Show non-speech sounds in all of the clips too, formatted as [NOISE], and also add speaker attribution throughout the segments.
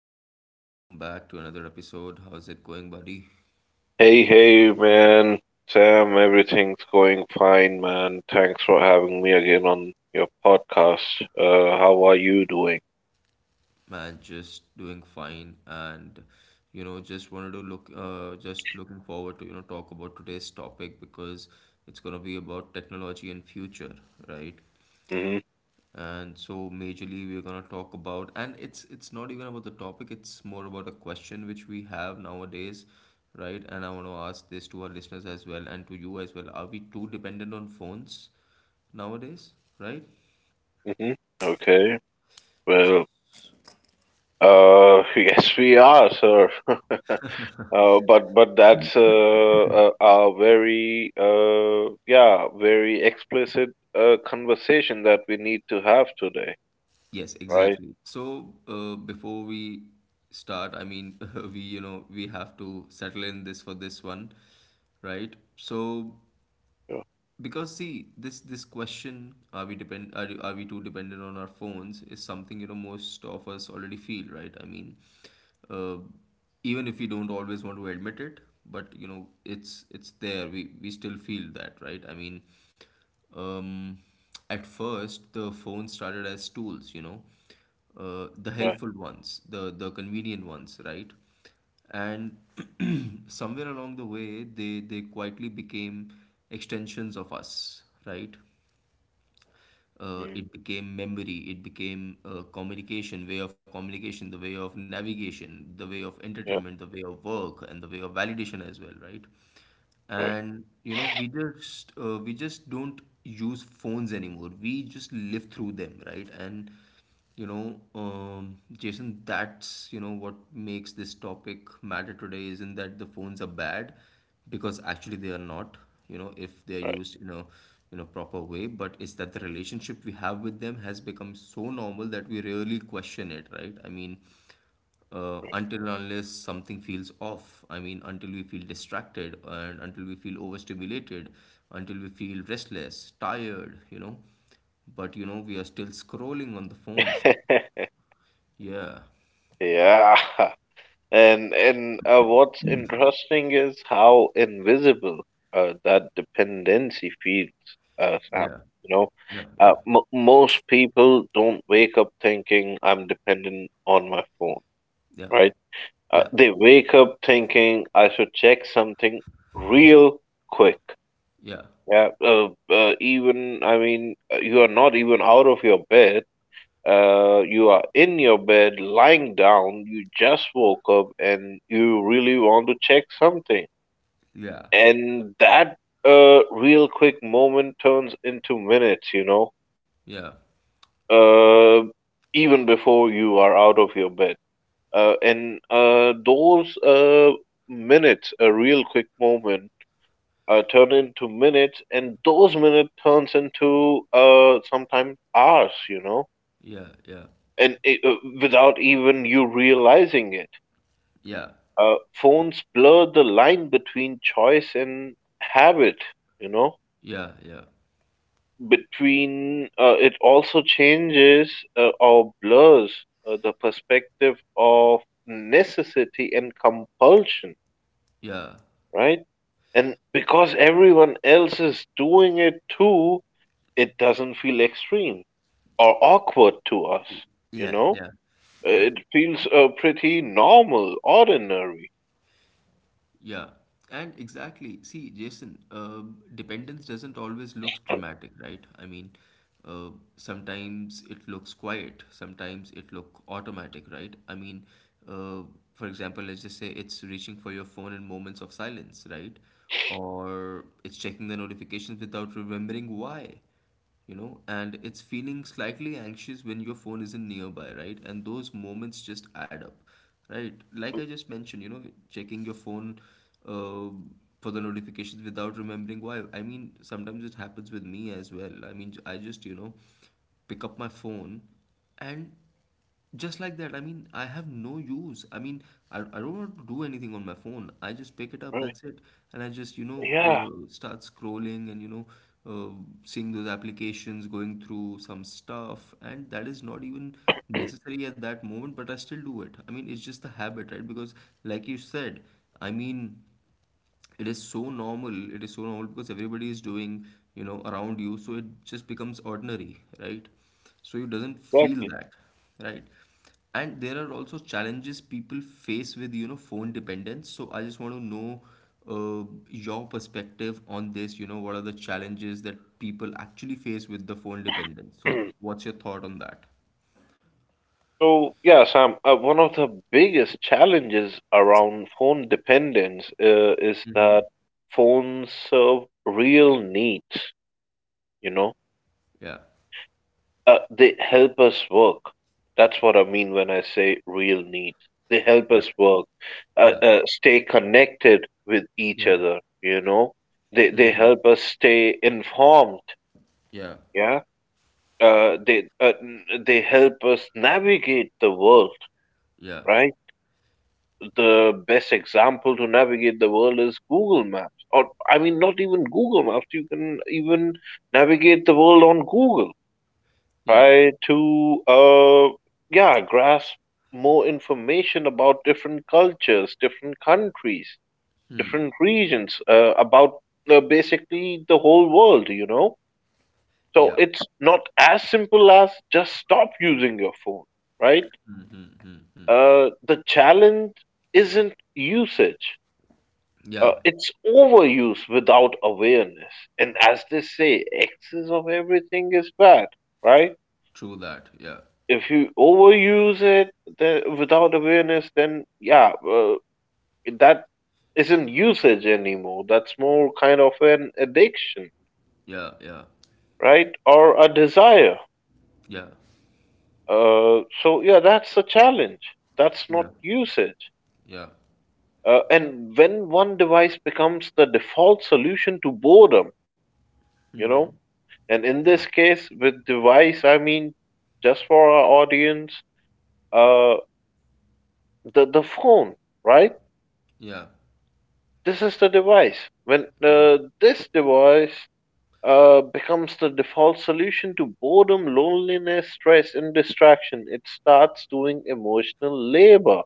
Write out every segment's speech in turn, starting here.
Speaker 1: Jason, welcome back to another episode. How's it going, buddy?
Speaker 2: Hey, hey, man. Sam, everything's going fine, man. Thanks for having me again on your podcast. How are you doing?
Speaker 1: Man, just doing fine, and you know, just wanted to just looking forward to you know talk about today's topic because it's gonna be about technology and future, right?
Speaker 2: hmm
Speaker 1: And so, majorly, we're gonna talk about, and it's not even about the topic; it's more about a question which we have nowadays, right? And I want to ask this to our listeners as well and to you as well. Are we too dependent on phones? Nowadays, right?
Speaker 2: hmm Okay. Well, [LAUGHS] yes, we are, sir. [LAUGHS] But that's a very very explicit conversation that we need to have today,
Speaker 1: Yes,
Speaker 2: right?
Speaker 1: exactly. So, before we start, I mean, [LAUGHS] we, you know, we have to settle in this for this one, right? So,
Speaker 2: Yeah,
Speaker 1: because see this question are we too dependent on our phones is something you know most of us already feel, right? I mean, uh, even if we don't always want to admit it, but you know it's there, we still feel that, right? I mean, um at first the phone started as tools, you know, the
Speaker 2: right.
Speaker 1: helpful ones, the convenient ones, right? And [CLEARS THROAT] somewhere along the way they quietly became extensions of us, right?
Speaker 2: Mm,
Speaker 1: It became memory, it became communication, way of communication, the way of navigation, the way of entertainment,
Speaker 2: yeah,
Speaker 1: the way of work, and the way of validation as well, right?
Speaker 2: right,
Speaker 1: And you know we just don't use phones anymore, we just live through them, right? And you know, Jason, that's you know what makes this topic matter today isn't that the phones are bad, because actually they are not. You know, if they are
Speaker 2: right.
Speaker 1: used in a proper way, but it's that the relationship we have with them has become so normal that we rarely question it, right? I mean, until and unless something feels off. I mean, until we feel distracted and until we feel overstimulated, until we feel restless, tired, you know. But, you know, we are still scrolling on the phones.
Speaker 2: [LAUGHS]
Speaker 1: Yeah,
Speaker 2: Yeah. And What's interesting is how invisible that dependency feels, Sam.
Speaker 1: yeah,
Speaker 2: You know,
Speaker 1: yeah, yeah,
Speaker 2: m most people don't wake up thinking I'm dependent on my phone,
Speaker 1: yeah,
Speaker 2: right? They wake up thinking I should check something real quick.
Speaker 1: yeah,
Speaker 2: Yeah, even I mean, you are not even out of your bed, you are in your bed, lying down, you just woke up, and you really want to check something.
Speaker 1: yeah,
Speaker 2: And that real quick moment turns into minutes, you know,
Speaker 1: yeah,
Speaker 2: uh, even before you are out of your bed. And those Minutes, a real quick moment, turn into minutes, and those minutes turns into sometimes hours, you know,
Speaker 1: yeah, yeah,
Speaker 2: and without even you realizing it.
Speaker 1: yeah,
Speaker 2: Phones blur the line between choice and habit, you know.
Speaker 1: yeah, yeah,
Speaker 2: Between it also changes or blurs the perspective of necessity and compulsion,
Speaker 1: yeah, yeah,
Speaker 2: right? And because everyone else is doing it too, it doesn't feel extreme or awkward to us, you
Speaker 1: yeah,
Speaker 2: know.
Speaker 1: yeah,
Speaker 2: Uh,
Speaker 1: yeah.
Speaker 2: It feels pretty normal, ordinary,
Speaker 1: Yeah, and exactly. See, Jason, dependence doesn't always look dramatic, right? I mean, uh, sometimes it looks quiet, sometimes it look automatic, right? I mean, uh, for example, let's just say it's reaching for your phone in moments of silence, right? Or it's checking the notifications without remembering why, you know. And it's feeling slightly anxious when your phone isn't nearby, right? And those moments just add up, right? Like I just mentioned, you know, checking your phone uh, for the notifications without remembering why. I mean, sometimes it happens with me as well. I mean, I just, you know, pick up my phone and just like that. I mean, I have no use. I mean, I don't want to do anything on my phone, I just pick it up,
Speaker 2: right?
Speaker 1: that's it. And I just, you know,
Speaker 2: Yeah,
Speaker 1: start scrolling, and you know, uh, seeing those applications, going through some stuff, and that is not even necessary at that moment, but I still do it. I mean, it's just the habit, right? Because like you said, I mean, it is so normal, it is so normal, because everybody is doing, you know, around you, so it just becomes ordinary, right? So you doesn't feel
Speaker 2: exactly.
Speaker 1: that, right? And there are also challenges people face with, you know, phone dependence. So I just want to know uh, your perspective on this. You know, what are the challenges that people actually face with the phone dependence? So
Speaker 2: [CLEARS THROAT]
Speaker 1: what's your thought on that?
Speaker 2: So, yeah, Sam, one of the biggest challenges around phone dependence is
Speaker 1: Mm-hmm.
Speaker 2: that phones serve real needs, you know.
Speaker 1: Yeah,
Speaker 2: They help us work. That's what I mean when I say real needs. They help
Speaker 1: yeah,
Speaker 2: us work,
Speaker 1: yeah,
Speaker 2: stay connected with each
Speaker 1: yeah,
Speaker 2: other, you know. They help us stay informed,
Speaker 1: yeah,
Speaker 2: yeah. They help us navigate the world,
Speaker 1: yeah,
Speaker 2: right? The best example to navigate the world is Google Maps. Or, I mean, not even Google Maps. You can even navigate the world on Google.
Speaker 1: yeah,
Speaker 2: Try to, yeah, grasp more information about different cultures, different countries, different regions, about basically the whole world, you know? So
Speaker 1: yeah,
Speaker 2: it's not as simple as just stop using your phone, right? The challenge isn't usage.
Speaker 1: yeah.
Speaker 2: It's overuse without awareness. And as they say, excess of everything is bad, right?
Speaker 1: True that. Yeah.
Speaker 2: If you overuse it then, without awareness, then yeah, that isn't usage anymore. That's more kind of an addiction,
Speaker 1: Yeah. Yeah.
Speaker 2: right? Or a desire.
Speaker 1: Yeah.
Speaker 2: So yeah, that's the challenge. That's
Speaker 1: Yeah.
Speaker 2: not usage.
Speaker 1: Yeah.
Speaker 2: And when one device becomes the default solution to boredom, you know, and in
Speaker 1: Yeah.
Speaker 2: this case, with device, I mean, just for our audience, uh, the phone, right?
Speaker 1: Yeah.
Speaker 2: This is the device. When
Speaker 1: Yeah.
Speaker 2: this device becomes the default solution to boredom, loneliness, stress, and distraction, it starts doing emotional labor.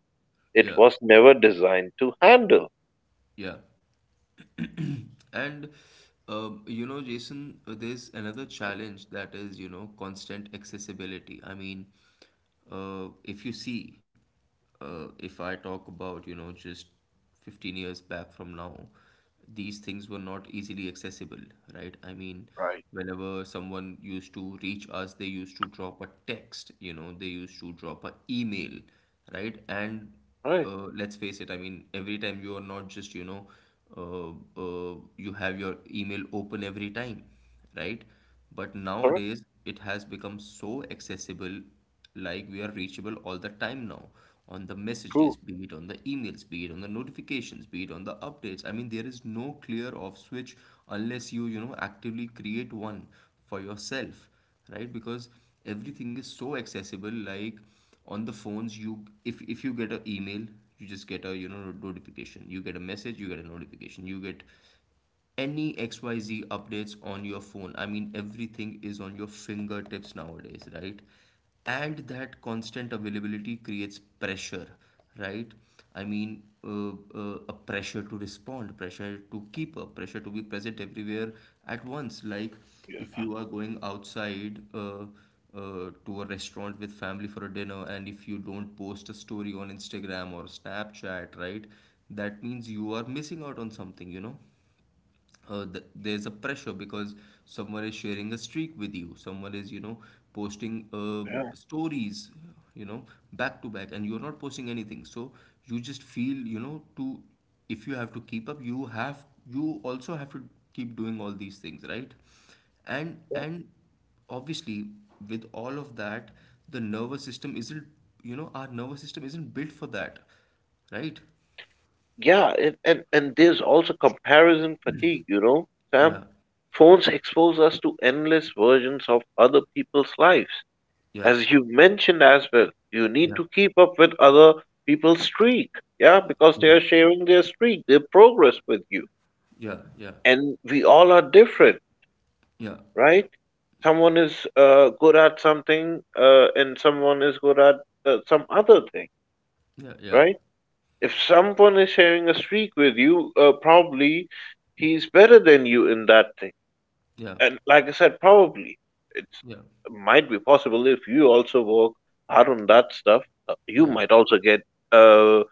Speaker 2: It
Speaker 1: Yeah.
Speaker 2: was never designed to handle.
Speaker 1: Yeah. And you know, Jason, there's another challenge, that is, you know, constant accessibility. I mean, if you see, if I talk about, you know, just 15 years back from now, these things were not easily accessible, right? I mean,
Speaker 2: Right.
Speaker 1: whenever someone used to reach us, they used to drop a text, you know, they used to drop a email, right? And
Speaker 2: Right.
Speaker 1: let's face it. I mean, every time you are not just, you know, uh, uh, you have your email open every time, right? But
Speaker 2: Correct.
Speaker 1: nowadays it has become so accessible, like we are reachable all the time now, on the messages,
Speaker 2: True.
Speaker 1: be it on the emails, be it on the notifications, be it on the updates. I mean, there is no clear off switch unless you, you know, actively create one for yourself, right? Because everything is so accessible, like on the phones, you, if you get an email, you just get a, you know, notification, you get a message, you get a notification, you get any XYZ updates on your phone. I mean, everything is on your fingertips nowadays, right? And that constant availability creates pressure, right? I mean, a pressure to respond, pressure to keep up, pressure to be present everywhere at once. Like if
Speaker 2: Yeah.
Speaker 1: you are going outside, to a restaurant with family for a dinner, and if you don't post a story on Instagram or Snapchat, right? That means you are missing out on something, you know? There's a pressure, because someone is sharing a streak with you, someone is, you know, posting stories, you know, back to back, and you're not posting anything, so you just feel, you know, to, if you have to keep up, you have, you also have to keep doing all these things, right? And obviously, with all of that, the nervous system isn't, you know, our nervous system isn't built for that, right?
Speaker 2: Yeah, and there's also comparison fatigue, you know,
Speaker 1: Yeah,
Speaker 2: Sam. Phones expose us to endless versions of other people's lives.
Speaker 1: yeah,
Speaker 2: As you mentioned as well, you need
Speaker 1: yeah,
Speaker 2: to keep up with other people's streak. Yeah, because
Speaker 1: yeah,
Speaker 2: they are sharing their streak, their progress with you.
Speaker 1: yeah, yeah.
Speaker 2: And we all are different,
Speaker 1: Yeah,
Speaker 2: right? Someone is good at something, and someone is good at some other thing,
Speaker 1: yeah, yeah,
Speaker 2: right? If someone is sharing a streak with you, probably he's better than you in that thing.
Speaker 1: yeah,
Speaker 2: And like I said, probably it's
Speaker 1: yeah,
Speaker 2: might be possible if you also work hard on that stuff. You
Speaker 1: yeah,
Speaker 2: might also get uh,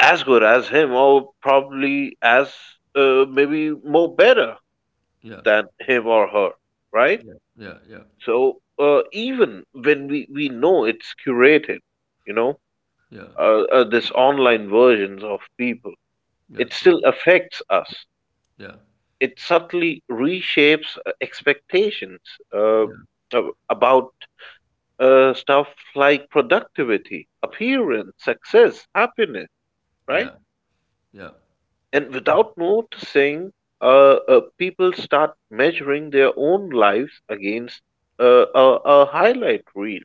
Speaker 2: as good as him, or probably as maybe more better than him or her, right?
Speaker 1: yeah, yeah, yeah,
Speaker 2: So even when we know it's curated, you know,
Speaker 1: yeah,
Speaker 2: this online versions of people,
Speaker 1: yeah,
Speaker 2: it
Speaker 1: yeah,
Speaker 2: still affects us.
Speaker 1: yeah,
Speaker 2: It subtly reshapes expectations uh,
Speaker 1: yeah, yeah,
Speaker 2: about stuff like productivity, appearance, success, happiness, right?
Speaker 1: yeah, yeah.
Speaker 2: And without noticing, people start measuring their own lives against a highlight reel.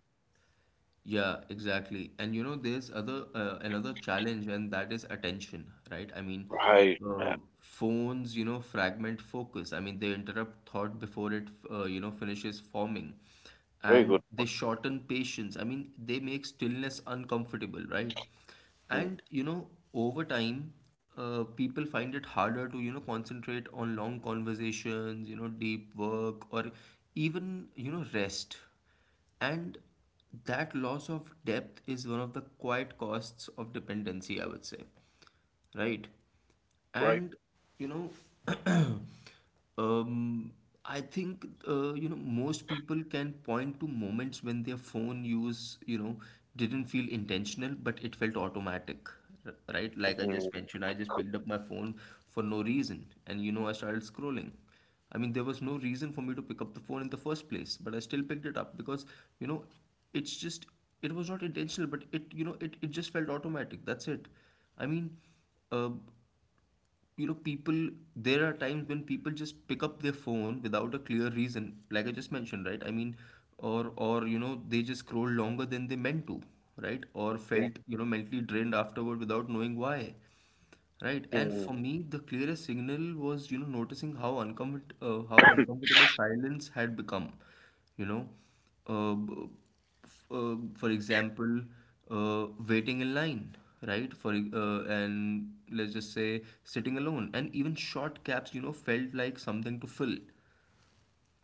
Speaker 1: Yeah, exactly. And you know, there's other another challenge, and that is attention, right? I mean,
Speaker 2: Right, man.
Speaker 1: phones, you know, fragment focus. I mean, they interrupt thought before it, you know, finishes forming,
Speaker 2: Very good.
Speaker 1: and they shorten patience. I mean, they make stillness uncomfortable, right?
Speaker 2: Mm,
Speaker 1: And you know, over time, people find it harder to, you know, concentrate on long conversations, you know, deep work, or even, you know, rest. And that loss of depth is one of the quiet costs of dependency, I would say. Right?
Speaker 2: right.
Speaker 1: And, you know, [CLEARS THROAT] um, I think, you know, most people can point to moments when their phone use, you know, didn't feel intentional, but it felt automatic. Right? Like I
Speaker 2: Mm,
Speaker 1: just mentioned, I just picked up my phone for no reason. And, you know, I started scrolling. I mean, there was no reason for me to pick up the phone in the first place, but I still picked it up because, you know, it's just, it was not intentional, but it, you know, it just felt automatic. That's it. I mean, uh, you know, people, there are times when people just pick up their phone without a clear reason, like I just mentioned, right? I mean, you know, they just scroll longer than they meant to, right? Or
Speaker 2: yeah.
Speaker 1: felt, you know, mentally drained afterward without knowing why. Right, and
Speaker 2: Mm.
Speaker 1: for me, the clearest signal was, you know, noticing how uncomfort how uncomfortable silence had become. You know, uh, b- for example, waiting in line, right? And let's just say sitting alone, and even short gaps, you know, felt like something to fill.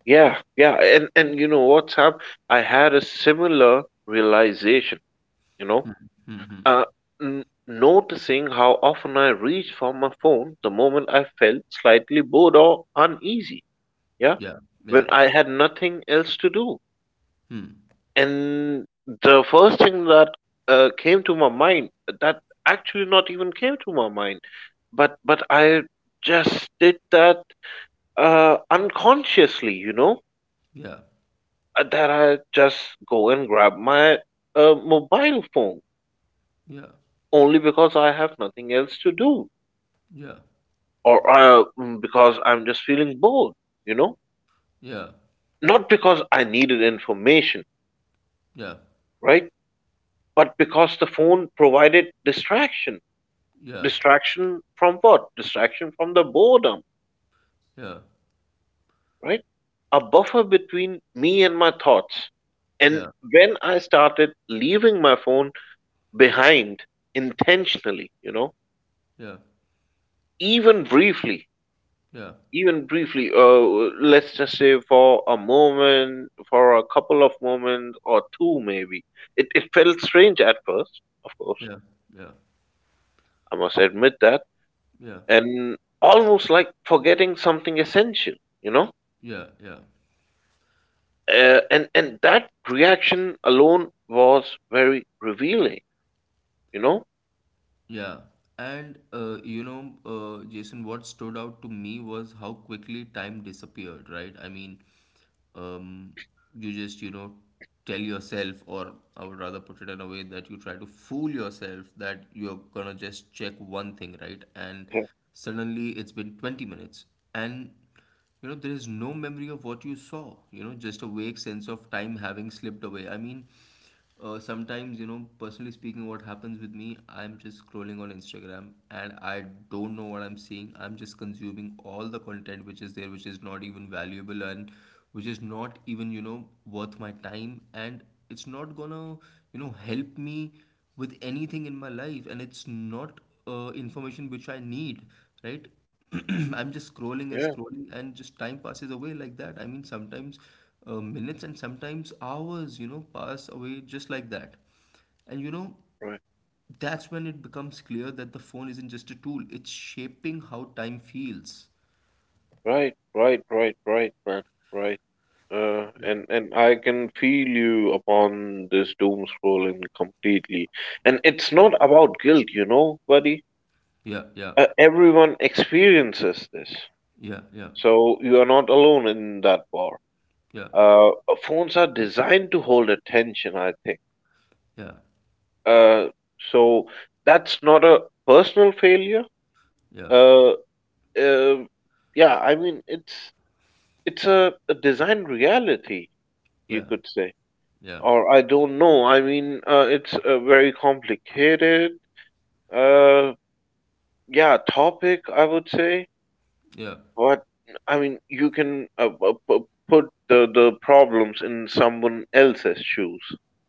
Speaker 2: Yeah, yeah, and you know what's up? I had a similar realization, you know, uh, noticing how often I reached for my phone the moment I felt slightly bored or uneasy. Yeah,
Speaker 1: Yeah, yeah,
Speaker 2: when I had nothing else to do,
Speaker 1: hmm,
Speaker 2: and the first thing that came to my mind, that actually not even came to my mind, but I just did that unconsciously, you know,
Speaker 1: yeah,
Speaker 2: that I just go and grab my mobile phone
Speaker 1: yeah,
Speaker 2: only because I have nothing else to do or because I'm just feeling bored, you know?
Speaker 1: yeah,
Speaker 2: Not because I needed information,
Speaker 1: yeah,
Speaker 2: right? But because the phone provided distraction.
Speaker 1: yeah,
Speaker 2: Distraction from what? Distraction from the boredom,
Speaker 1: yeah,
Speaker 2: right? A buffer between me and my thoughts. And
Speaker 1: yeah,
Speaker 2: when I started leaving my phone behind intentionally, you know,
Speaker 1: yeah,
Speaker 2: even briefly,
Speaker 1: yeah, yeah,
Speaker 2: even briefly, let's just say for a moment, for a couple of moments or two, maybe. It felt strange at first, of course,
Speaker 1: yeah, yeah,
Speaker 2: I must admit that,
Speaker 1: yeah.
Speaker 2: and almost like forgetting something essential, you know?
Speaker 1: Yeah, yeah,
Speaker 2: And that reaction alone was very revealing, you know?
Speaker 1: yeah. And you know, Jason, what stood out to me was how quickly time disappeared, right? I mean, um, you just, you know, tell yourself, or I would rather put it in a way that you try to fool yourself that you're gonna just check one thing, right? And
Speaker 2: Yeah,
Speaker 1: suddenly it's been 20 minutes. And you know, there is no memory of what you saw, you know, just a vague sense of time having slipped away. I mean, sometimes, you know, personally speaking, what happens with me, I'm just scrolling on Instagram and I don't know what I'm seeing. I'm just consuming all the content which is there, which is not even valuable, and which is not even, you know, worth my time. And it's not gonna, you know, help me with anything in my life, and it's not information which I need, right? [CLEARS THROAT] I'm just scrolling and
Speaker 2: yeah,
Speaker 1: scrolling, and just time passes away like that. I mean, sometimes minutes, and sometimes hours, you know, pass away just like that. And you know,
Speaker 2: right,
Speaker 1: that's when it becomes clear that the phone isn't just a tool, it's shaping how time feels.
Speaker 2: right, right, right, right, man, right. Uh, and
Speaker 1: Yeah,
Speaker 2: and I can feel you upon this doom scrolling completely. And it's not about guilt, you know, buddy.
Speaker 1: yeah, yeah,
Speaker 2: Everyone experiences this,
Speaker 1: yeah, yeah,
Speaker 2: so you are not alone in that bar. Uh, phones are designed to hold attention, I think.
Speaker 1: yeah,
Speaker 2: Uh, so that's not a personal failure.
Speaker 1: yeah,
Speaker 2: Uh, uh, yeah, I mean it's a design reality, you
Speaker 1: yeah, yeah,
Speaker 2: could say.
Speaker 1: yeah,
Speaker 2: Or I don't know. I mean, it's a very complicated, uh, yeah, topic, I would say.
Speaker 1: yeah,
Speaker 2: But I mean, you can put the problems in someone else's shoes,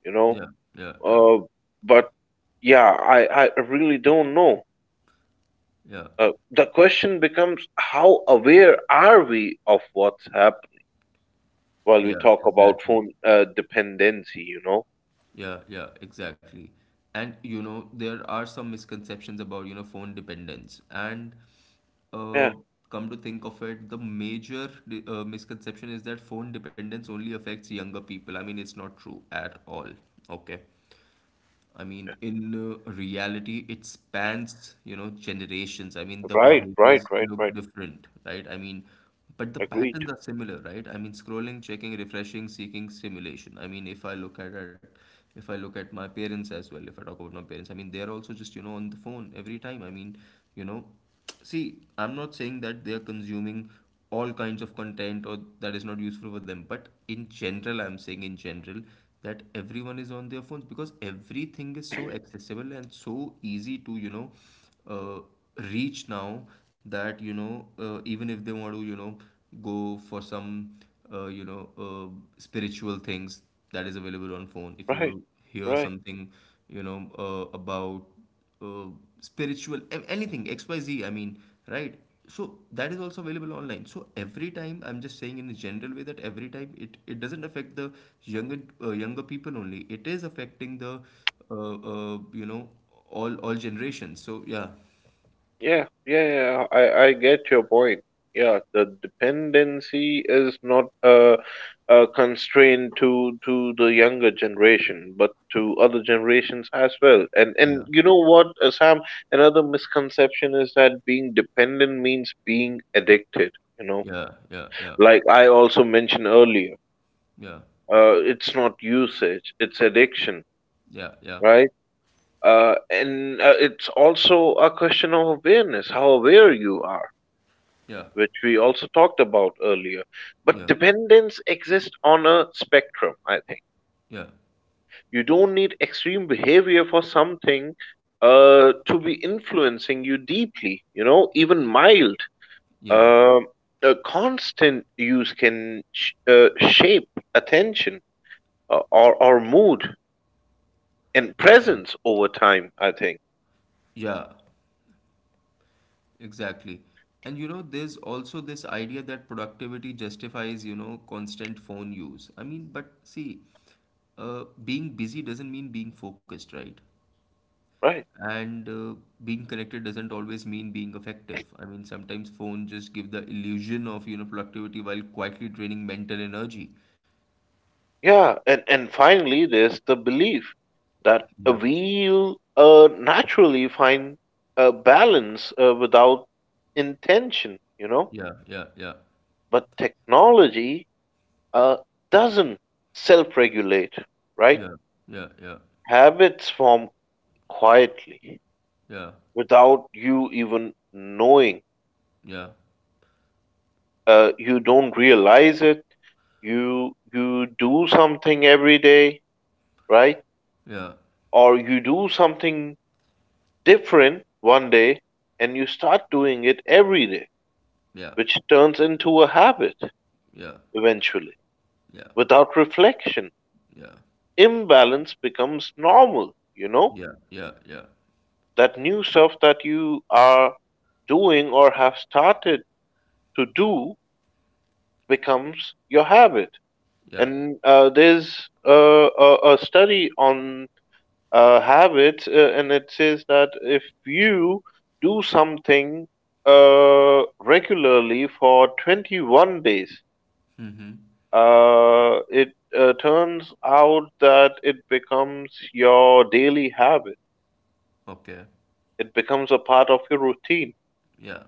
Speaker 2: you know.
Speaker 1: yeah, yeah, yeah,
Speaker 2: Uh, but yeah, I really don't know.
Speaker 1: yeah.
Speaker 2: The question becomes how aware are we of what's happened while we
Speaker 1: Yeah,
Speaker 2: talk about
Speaker 1: exactly.
Speaker 2: phone dependency, you know?
Speaker 1: Yeah, yeah, exactly. And you know, there are some misconceptions about, you know, phone dependence. And uh,
Speaker 2: Yeah,
Speaker 1: come to think of it, the major misconception is that phone dependence only affects younger people. I mean, it's not true at all. Okay. I mean, in reality, it spans, you know, generations. I mean, the
Speaker 2: right, right,
Speaker 1: behaviors
Speaker 2: right,
Speaker 1: look
Speaker 2: right.
Speaker 1: different, right? But the
Speaker 2: Agreed.
Speaker 1: patterns are similar, right? I mean, scrolling, checking, refreshing, seeking stimulation. I mean, if I look at it, if I look at my parents as well, if I talk about my parents, I mean, they're also just, you know, on the phone every time. I mean, you know. See, I'm not saying that they are consuming all kinds of content or that is not useful for them, but in general, I'm saying in general that everyone is on their phones because everything is so accessible and so easy to, you know, uh, reach now that, you know, even if they want to, you know, go for some, uh, you know, uh, spiritual things that is available on phone, if you want
Speaker 2: Right,
Speaker 1: to hear
Speaker 2: right.
Speaker 1: something, you know, about uh, spiritual anything X Y Z. I mean right so that is also available online, so every time, I'm just saying in a general way that every time it doesn't affect the younger younger people only. It is affecting the you know, all generations. So yeah,
Speaker 2: Yeah, yeah, yeah. I get your point. Yeah, the dependency is not a constraint to the younger generation, but to other generations as well.
Speaker 1: yeah,
Speaker 2: And you know what, Sam? Another misconception is that being dependent means being addicted. You know,
Speaker 1: yeah, yeah, yeah,
Speaker 2: like I also mentioned earlier, it's not usage, it's addiction,
Speaker 1: yeah, yeah,
Speaker 2: right? And It's also a question of awareness, how aware you are,
Speaker 1: yeah, yeah,
Speaker 2: which we also talked about earlier. But
Speaker 1: yeah,
Speaker 2: dependence exists on a spectrum, I think.
Speaker 1: yeah,
Speaker 2: You don't need extreme behavior for something to be influencing you deeply, you know, even mild.
Speaker 1: yeah,
Speaker 2: uh, a constant use can shape attention or mood and presence over time, I think,
Speaker 1: yeah, exactly. And you know, there's also this idea that productivity justifies, you know, constant phone use. I mean, but see, being busy doesn't mean being focused, right?
Speaker 2: right?
Speaker 1: And being connected doesn't always mean being effective. I mean, sometimes phone just give the illusion of, you know, productivity while quietly draining mental energy.
Speaker 2: Yeah, and finally, there's the belief that
Speaker 1: Yeah,
Speaker 2: we'll naturally find a balance without intention, you know.
Speaker 1: yeah, yeah, yeah,
Speaker 2: But technology uh, doesn't self regulate, right?
Speaker 1: yeah, yeah, yeah,
Speaker 2: Habits form quietly without you even knowing.
Speaker 1: yeah,
Speaker 2: You don't realize it. You do something every day, right?
Speaker 1: yeah,
Speaker 2: Or you do something different one day and you start doing it every day,
Speaker 1: yeah,
Speaker 2: which turns into a habit
Speaker 1: yeah, yeah,
Speaker 2: eventually.
Speaker 1: yeah,
Speaker 2: Without reflection,
Speaker 1: yeah,
Speaker 2: imbalance becomes normal, you know?
Speaker 1: yeah, yeah, yeah, yeah.
Speaker 2: That new stuff that you are doing or have started to do becomes your habit.
Speaker 1: Yeah.
Speaker 2: And there's a study on habits, and it says that if you do something regularly for 21 days,
Speaker 1: Mm-hmm.
Speaker 2: it turns out that it becomes your daily habit.
Speaker 1: Okay.
Speaker 2: It becomes a part of your routine.
Speaker 1: Yeah.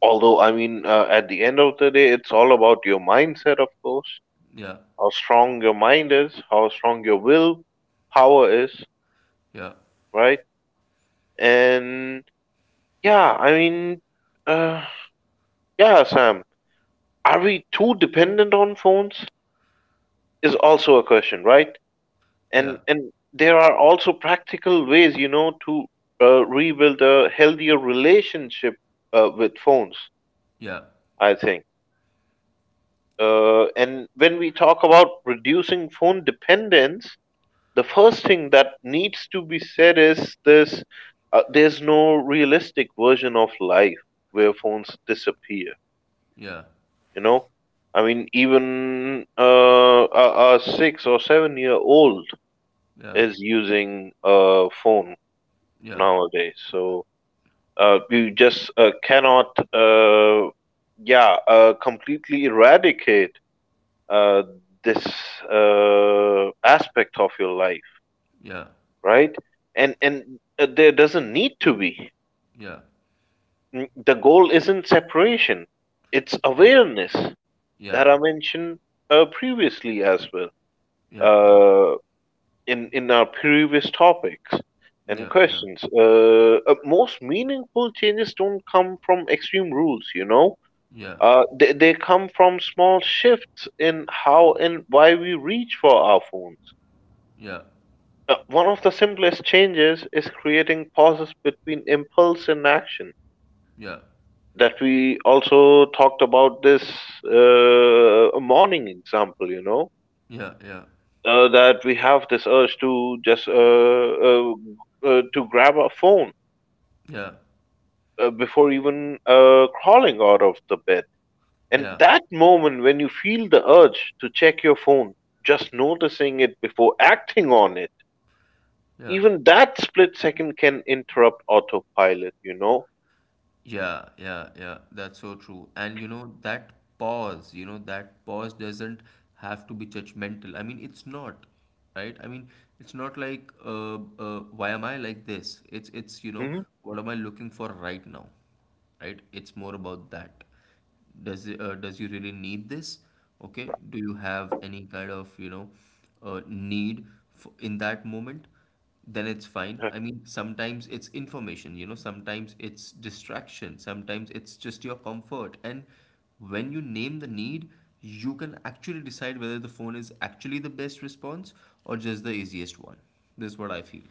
Speaker 2: Although, I mean, at the end of the day, it's all about your mindset, of course,
Speaker 1: Yeah.
Speaker 2: how strong your mind is, how strong your will power is,
Speaker 1: Yeah.
Speaker 2: right? And yeah, I mean, uh, yeah, Sam. Are we too dependent on phones? Is also a question, right?
Speaker 1: Yeah.
Speaker 2: And there are also practical ways, you know, to rebuild a healthier relationship with phones.
Speaker 1: Yeah.
Speaker 2: I think. And when we talk about reducing phone dependence, the first thing that needs to be said is this: there's no realistic version of life where phones disappear.
Speaker 1: Yeah.
Speaker 2: You know, I mean, even a 6 or 7 year old
Speaker 1: Yeah.
Speaker 2: is using a phone
Speaker 1: Yeah.
Speaker 2: nowadays. So you just cannot, yeah, completely eradicate uh, this aspect of your life,
Speaker 1: Yeah.
Speaker 2: right? And there doesn't need to be.
Speaker 1: Yeah. Yeah.
Speaker 2: Mm, the goal isn't separation; it's awareness
Speaker 1: Yeah.
Speaker 2: that I mentioned previously as well
Speaker 1: Yeah. Yeah. Yeah. Yeah.
Speaker 2: uh, in our previous topics
Speaker 1: Yeah.
Speaker 2: and
Speaker 1: Yeah.
Speaker 2: questions, most meaningful changes don't come from extreme rules. You know,
Speaker 1: Yeah.
Speaker 2: they come from small shifts in how and why we reach for our phones.
Speaker 1: Yeah.
Speaker 2: One of the simplest changes is creating pauses between impulse and action,
Speaker 1: Yeah.
Speaker 2: that we also talked about this morning example, you know,
Speaker 1: Yeah.
Speaker 2: that we have this urge to just uh, to grab our phone
Speaker 1: Yeah.
Speaker 2: before even crawling out of the bed. And
Speaker 1: Yeah.
Speaker 2: that moment when you feel the urge to check your phone, just noticing it before acting on it,
Speaker 1: Yeah.
Speaker 2: even that split second can interrupt autopilot, you know?
Speaker 1: Yeah, yeah, yeah. That's so true. And you know, that pause, you know, that pause doesn't have to be judgmental. I mean, it's not, right? I mean, it's not like why am I like this? It's you know,
Speaker 2: Mhm.
Speaker 1: what am I looking for right now? Right? It's more about that. Does it, does you really need this? Okay, do you have any kind of, you know, need for, in that moment, then it's fine.
Speaker 2: Uh,
Speaker 1: I mean, sometimes it's information, you know, sometimes it's distraction, sometimes it's just your comfort. And when you name the need, you can actually decide whether the phone is actually the best response or just the easiest one. This is what I feel.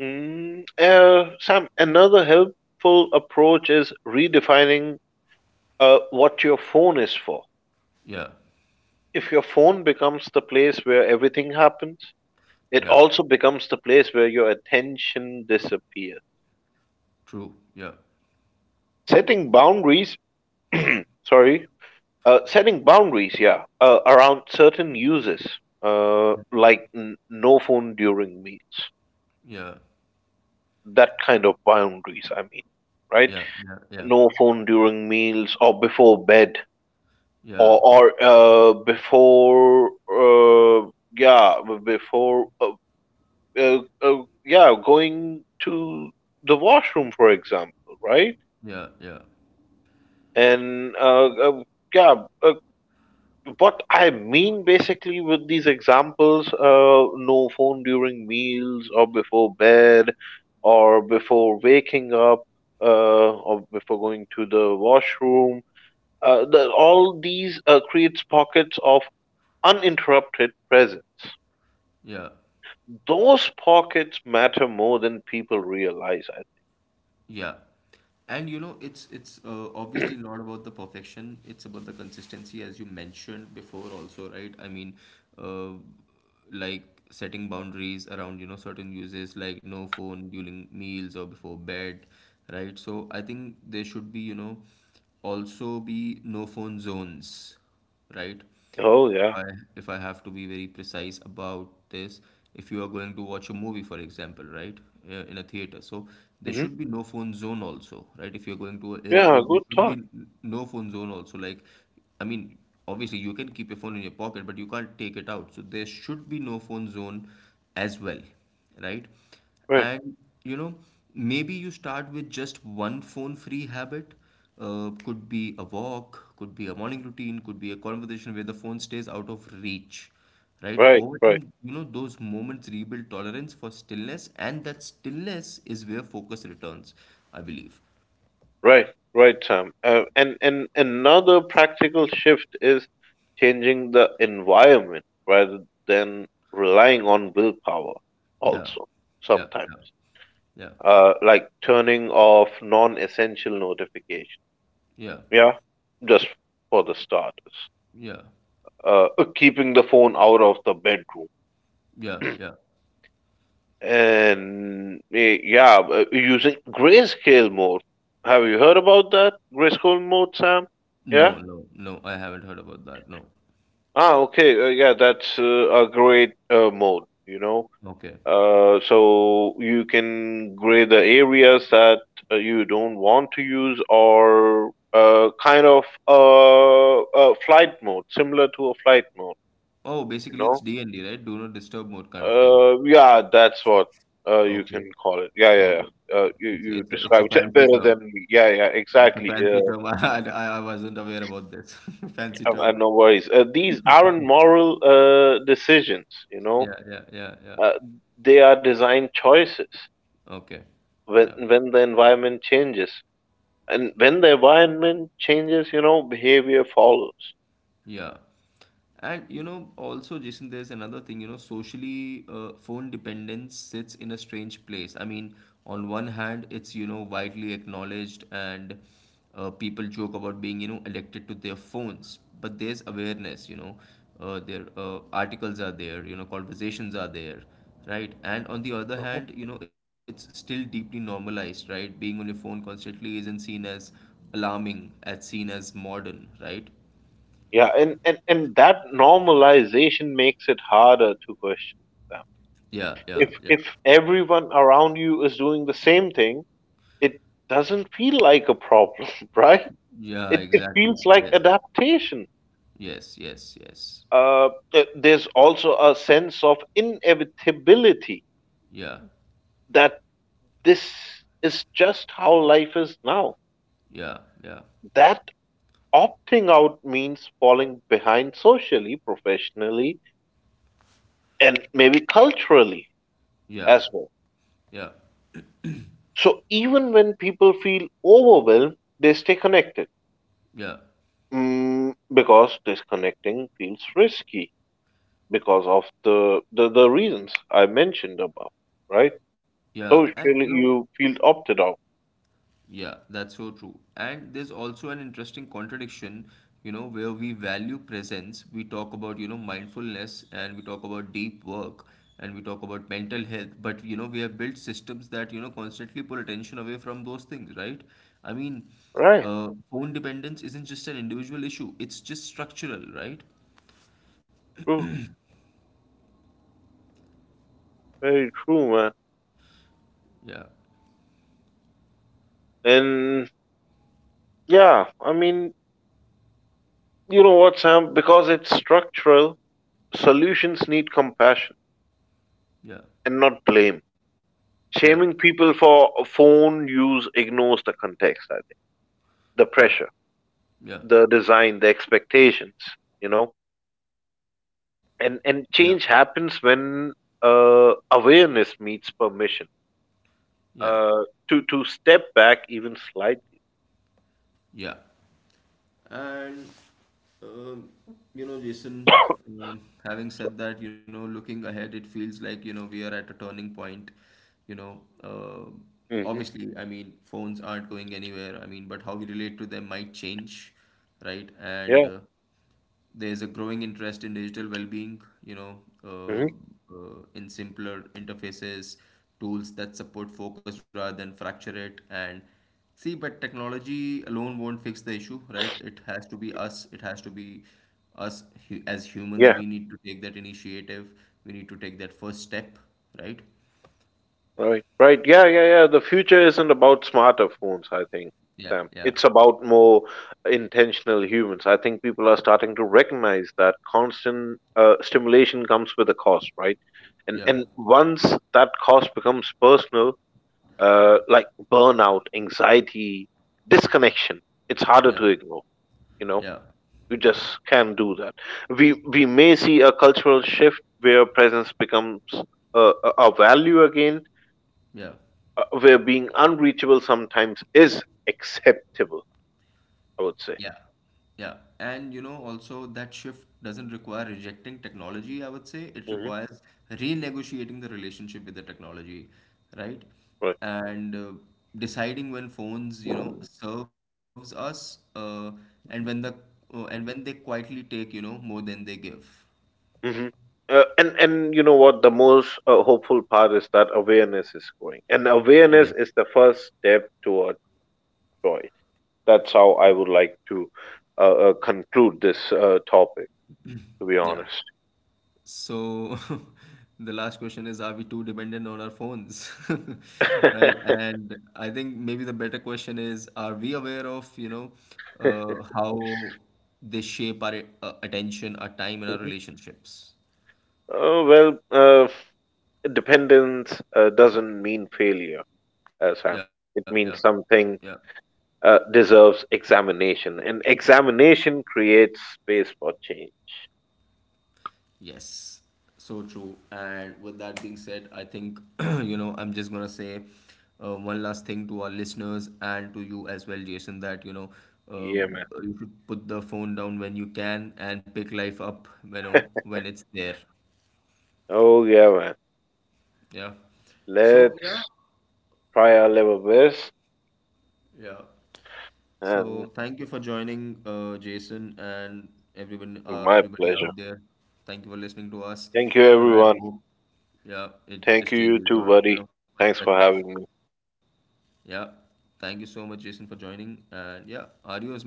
Speaker 2: Sam, another helpful approach is redefining what your phone is for.
Speaker 1: Yeah,
Speaker 2: If your phone becomes the place where everything happens, it
Speaker 1: yeah,
Speaker 2: also becomes the place where your attention disappears.
Speaker 1: true, yeah,
Speaker 2: Setting boundaries, sorry, setting boundaries, yeah, around certain uses, like no phone during meals.
Speaker 1: yeah,
Speaker 2: That kind of boundaries, I mean, right?
Speaker 1: yeah, yeah, yeah,
Speaker 2: No phone during meals or before bed
Speaker 1: yeah,
Speaker 2: or before yeah b- before yeah, going to the washroom, for example, right?
Speaker 1: yeah, yeah.
Speaker 2: And uh, uh, yeah, uh, what I mean basically with these examples, no phone during meals or before bed or before waking up uh, or before going to the washroom. All these creates pockets of uninterrupted presence.
Speaker 1: Yeah,
Speaker 2: Those pockets matter more than people realize.
Speaker 1: yeah. And you know, it's obviously not about the perfection. It's about the consistency, as you mentioned before, also, right? I mean, uh, like setting boundaries around, you know, certain uses like no phone during meals or before bed, right? So I think there should be, you know, also be no phone zones, right?
Speaker 2: Oh yeah.
Speaker 1: If I, if I have to be very precise about this, if you are going to watch a movie, for example, right, in a theater, so there
Speaker 2: Mm-hmm.
Speaker 1: should be no phone zone also, right? If you're going to an
Speaker 2: Yeah,
Speaker 1: airport,
Speaker 2: good
Speaker 1: there should be
Speaker 2: thought.
Speaker 1: no phone zone also. Like, I mean, obviously you can keep your phone in your pocket, but you can't take it out. So there should be no phone zone as well, right?
Speaker 2: Right,
Speaker 1: And you know, maybe you start with just one phone-free habit. Could be a walk, could be a morning routine, could be a conversation where the phone stays out of reach, right?
Speaker 2: right,
Speaker 1: Over
Speaker 2: right,
Speaker 1: time, you know, those moments rebuild tolerance for stillness, and that stillness is where focus returns, I believe.
Speaker 2: right, right, Sam. And another practical shift is changing the environment rather than relying on willpower.
Speaker 1: Yeah,
Speaker 2: Also,
Speaker 1: yeah,
Speaker 2: sometimes,
Speaker 1: yeah,
Speaker 2: like turning off non-essential notifications.
Speaker 1: yeah,
Speaker 2: Yeah, just for the starters.
Speaker 1: yeah, yeah,
Speaker 2: Keeping the phone out of the bedroom.
Speaker 1: yeah, yeah.
Speaker 2: And using grayscale mode. Have you heard about that grayscale mode, Sam? Yeah.
Speaker 1: No, no, no, I haven't heard about that. No.
Speaker 2: Ah, okay. Yeah, that's a great mode.
Speaker 1: Okay.
Speaker 2: So you can gray the areas that you don't want to use, or kind of a flight mode, similar to a flight mode.
Speaker 1: Oh,
Speaker 2: You
Speaker 1: basically it's
Speaker 2: know.
Speaker 1: D and D, right? Do not disturb mode kind of thing.
Speaker 2: Yeah, that's what you
Speaker 1: Okay.
Speaker 2: can call it. Yeah, yeah,
Speaker 1: Okay.
Speaker 2: yeah. Uh, you you
Speaker 1: It's a, it's a
Speaker 2: described it
Speaker 1: fancy
Speaker 2: better
Speaker 1: term.
Speaker 2: than me. Yeah, yeah,
Speaker 1: It's a
Speaker 2: exactly.
Speaker 1: fancy term. [LAUGHS] I wasn't aware about this. [LAUGHS] Fancy term.
Speaker 2: No worries. These aren't moral decisions, you know.
Speaker 1: Yeah, yeah, yeah, yeah.
Speaker 2: Uh, they are design choices.
Speaker 1: Okay. Yeah.
Speaker 2: When the environment changes, and when the environment changes, you know, behavior follows.
Speaker 1: Yeah. And you know, also, Jason, there's another thing, you know, socially, phone dependence sits in a strange place. I mean, on one hand, it's, you know, widely acknowledged and people joke about being, you know, addicted to their phones. But there's awareness, you know, there articles are there, you know, conversations are there, right? And on the other
Speaker 2: uh
Speaker 1: hand, you know, it's still deeply normalized, right? Being on your phone constantly isn't seen as alarming, as seen as modern, right?
Speaker 2: Yeah, and that normalization makes it harder to question them.
Speaker 1: Yeah, yeah,
Speaker 2: If
Speaker 1: yeah.
Speaker 2: if everyone around you is doing the same thing, it doesn't feel like a problem, [LAUGHS] right?
Speaker 1: Yeah,
Speaker 2: It
Speaker 1: exactly.
Speaker 2: feels like
Speaker 1: Yes.
Speaker 2: adaptation.
Speaker 1: Yes, yes, yes.
Speaker 2: There's also a sense of inevitability
Speaker 1: Yeah.
Speaker 2: that this is just how life is now.
Speaker 1: Yeah, yeah.
Speaker 2: That opting out means falling behind socially, professionally, and maybe culturally
Speaker 1: Yeah.
Speaker 2: as well.
Speaker 1: Yeah.
Speaker 2: So even when people feel overwhelmed, they stay connected,
Speaker 1: Yeah.
Speaker 2: mm, because disconnecting feels risky because of the reasons I mentioned above, right?
Speaker 1: Yeah. And you
Speaker 2: Socially,
Speaker 1: know,
Speaker 2: you feel opted out,
Speaker 1: yeah, that's so true. And there's also an interesting contradiction, you know, where we value presence, we talk about, you know, mindfulness and we talk about deep work and we talk about mental health, but you know, we have built systems that, you know, constantly pull attention away from those things, right? I mean,
Speaker 2: right?
Speaker 1: phone dependence isn't just an individual issue, it's just structural, right?
Speaker 2: True, very true, man.
Speaker 1: Yeah,
Speaker 2: And yeah, I mean, you know what, Sam? Because it's structural, solutions need compassion
Speaker 1: yeah,
Speaker 2: and not blame.
Speaker 1: yeah,
Speaker 2: Shaming people for phone use ignores the context. I think the
Speaker 1: yeah,
Speaker 2: pressure,
Speaker 1: yeah,
Speaker 2: the design, the expectations. You know, and
Speaker 1: yeah,
Speaker 2: change happens when awareness meets permission
Speaker 1: yeah,
Speaker 2: to step back even slightly.
Speaker 1: yeah. And uh, you know, Jason,
Speaker 2: [COUGHS]
Speaker 1: having said that, you know, looking ahead, it feels like, you know, we are at a turning point. You know,
Speaker 2: Hmm.
Speaker 1: obviously, I mean, phones aren't going anywhere. I mean, but how we relate to them might change, right? And
Speaker 2: Yeah.
Speaker 1: there's a growing interest in digital well-being, you know,
Speaker 2: Hmm.
Speaker 1: in simpler interfaces, tools that support focus rather than fracture it. And see, but technology alone won't fix the issue, right? It has to be us. It has to be as humans. We
Speaker 2: Yeah.
Speaker 1: need to take that initiative. We need to take that first step, right?
Speaker 2: Right. Right. Yeah. Yeah. Yeah. The future isn't about smarter phones. I think,
Speaker 1: Yeah,
Speaker 2: Sam.
Speaker 1: yeah,
Speaker 2: It's about more intentional humans. I think people are starting to recognize that constant stimulation comes with a cost, right? And
Speaker 1: yeah,
Speaker 2: and once that cost becomes personal, like burnout, anxiety, disconnection, it's harder
Speaker 1: yeah,
Speaker 2: to ignore. You know.
Speaker 1: yeah,
Speaker 2: You
Speaker 1: yeah,
Speaker 2: just can't do that. We
Speaker 1: yeah,
Speaker 2: we may see a cultural shift where presence becomes a value again,
Speaker 1: yeah.
Speaker 2: where being unreachable sometimes is acceptable. I would say.
Speaker 1: Yeah, yeah. And you know, also that shift doesn't require rejecting technology, I would say. It
Speaker 2: Hmm.
Speaker 1: requires renegotiating the relationship with the technology, right?
Speaker 2: Right.
Speaker 1: And deciding when phones, you know, serves us, and when the and when they quietly take, you know, more than they give.
Speaker 2: Hmm. And you know what? The most hopeful part is that awareness is growing, and awareness
Speaker 1: Yes.
Speaker 2: is the first step toward choice. That's how
Speaker 1: Yeah.
Speaker 2: I would like to uh, conclude this topic. To be
Speaker 1: Yeah.
Speaker 2: honest.
Speaker 1: So [LAUGHS] the last question is, are we too dependent on our phones? [LAUGHS] Right?
Speaker 2: [LAUGHS]
Speaker 1: And I think maybe the better question is, are we aware of, you know, how they shape our attention, our time, and our
Speaker 2: Mhm.
Speaker 1: relationships?
Speaker 2: Oh, well, uh, Dependence doesn't mean failure,
Speaker 1: Yeah,
Speaker 2: Sam.
Speaker 1: yeah,
Speaker 2: It means
Speaker 1: yeah.
Speaker 2: something deserves examination, and examination creates space for change.
Speaker 1: Yes, so true. And with that being said, I think, [CLEARS THROAT] you know, I'm just gonna say one last thing to our listeners and to you as well, Jason, that, you know, uh,
Speaker 2: Yeah, man.
Speaker 1: you should put the phone down when you can and pick life up, you know, when it's there.
Speaker 2: Oh, yeah, man.
Speaker 1: Yeah. So, yeah,
Speaker 2: Let's try our level best,
Speaker 1: yeah.
Speaker 2: and
Speaker 1: So thank you for joining, Jason and everyone,
Speaker 2: my
Speaker 1: everybody
Speaker 2: pleasure.
Speaker 1: out there. Thank you for listening to us,
Speaker 2: Thank you,
Speaker 1: and I
Speaker 2: everyone.
Speaker 1: hope, yeah, it
Speaker 2: Thank
Speaker 1: just
Speaker 2: you, you
Speaker 1: changes
Speaker 2: too,
Speaker 1: your, you
Speaker 2: buddy.
Speaker 1: know,
Speaker 2: Thanks for
Speaker 1: perspective.
Speaker 2: having me.
Speaker 1: Yeah. Thank you so much, Jason, for joining. And yeah, adios, man.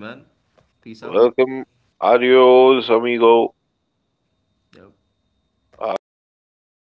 Speaker 1: Peace out.
Speaker 2: Welcome. Adios, amigo.
Speaker 1: Yep.
Speaker 2: Bye.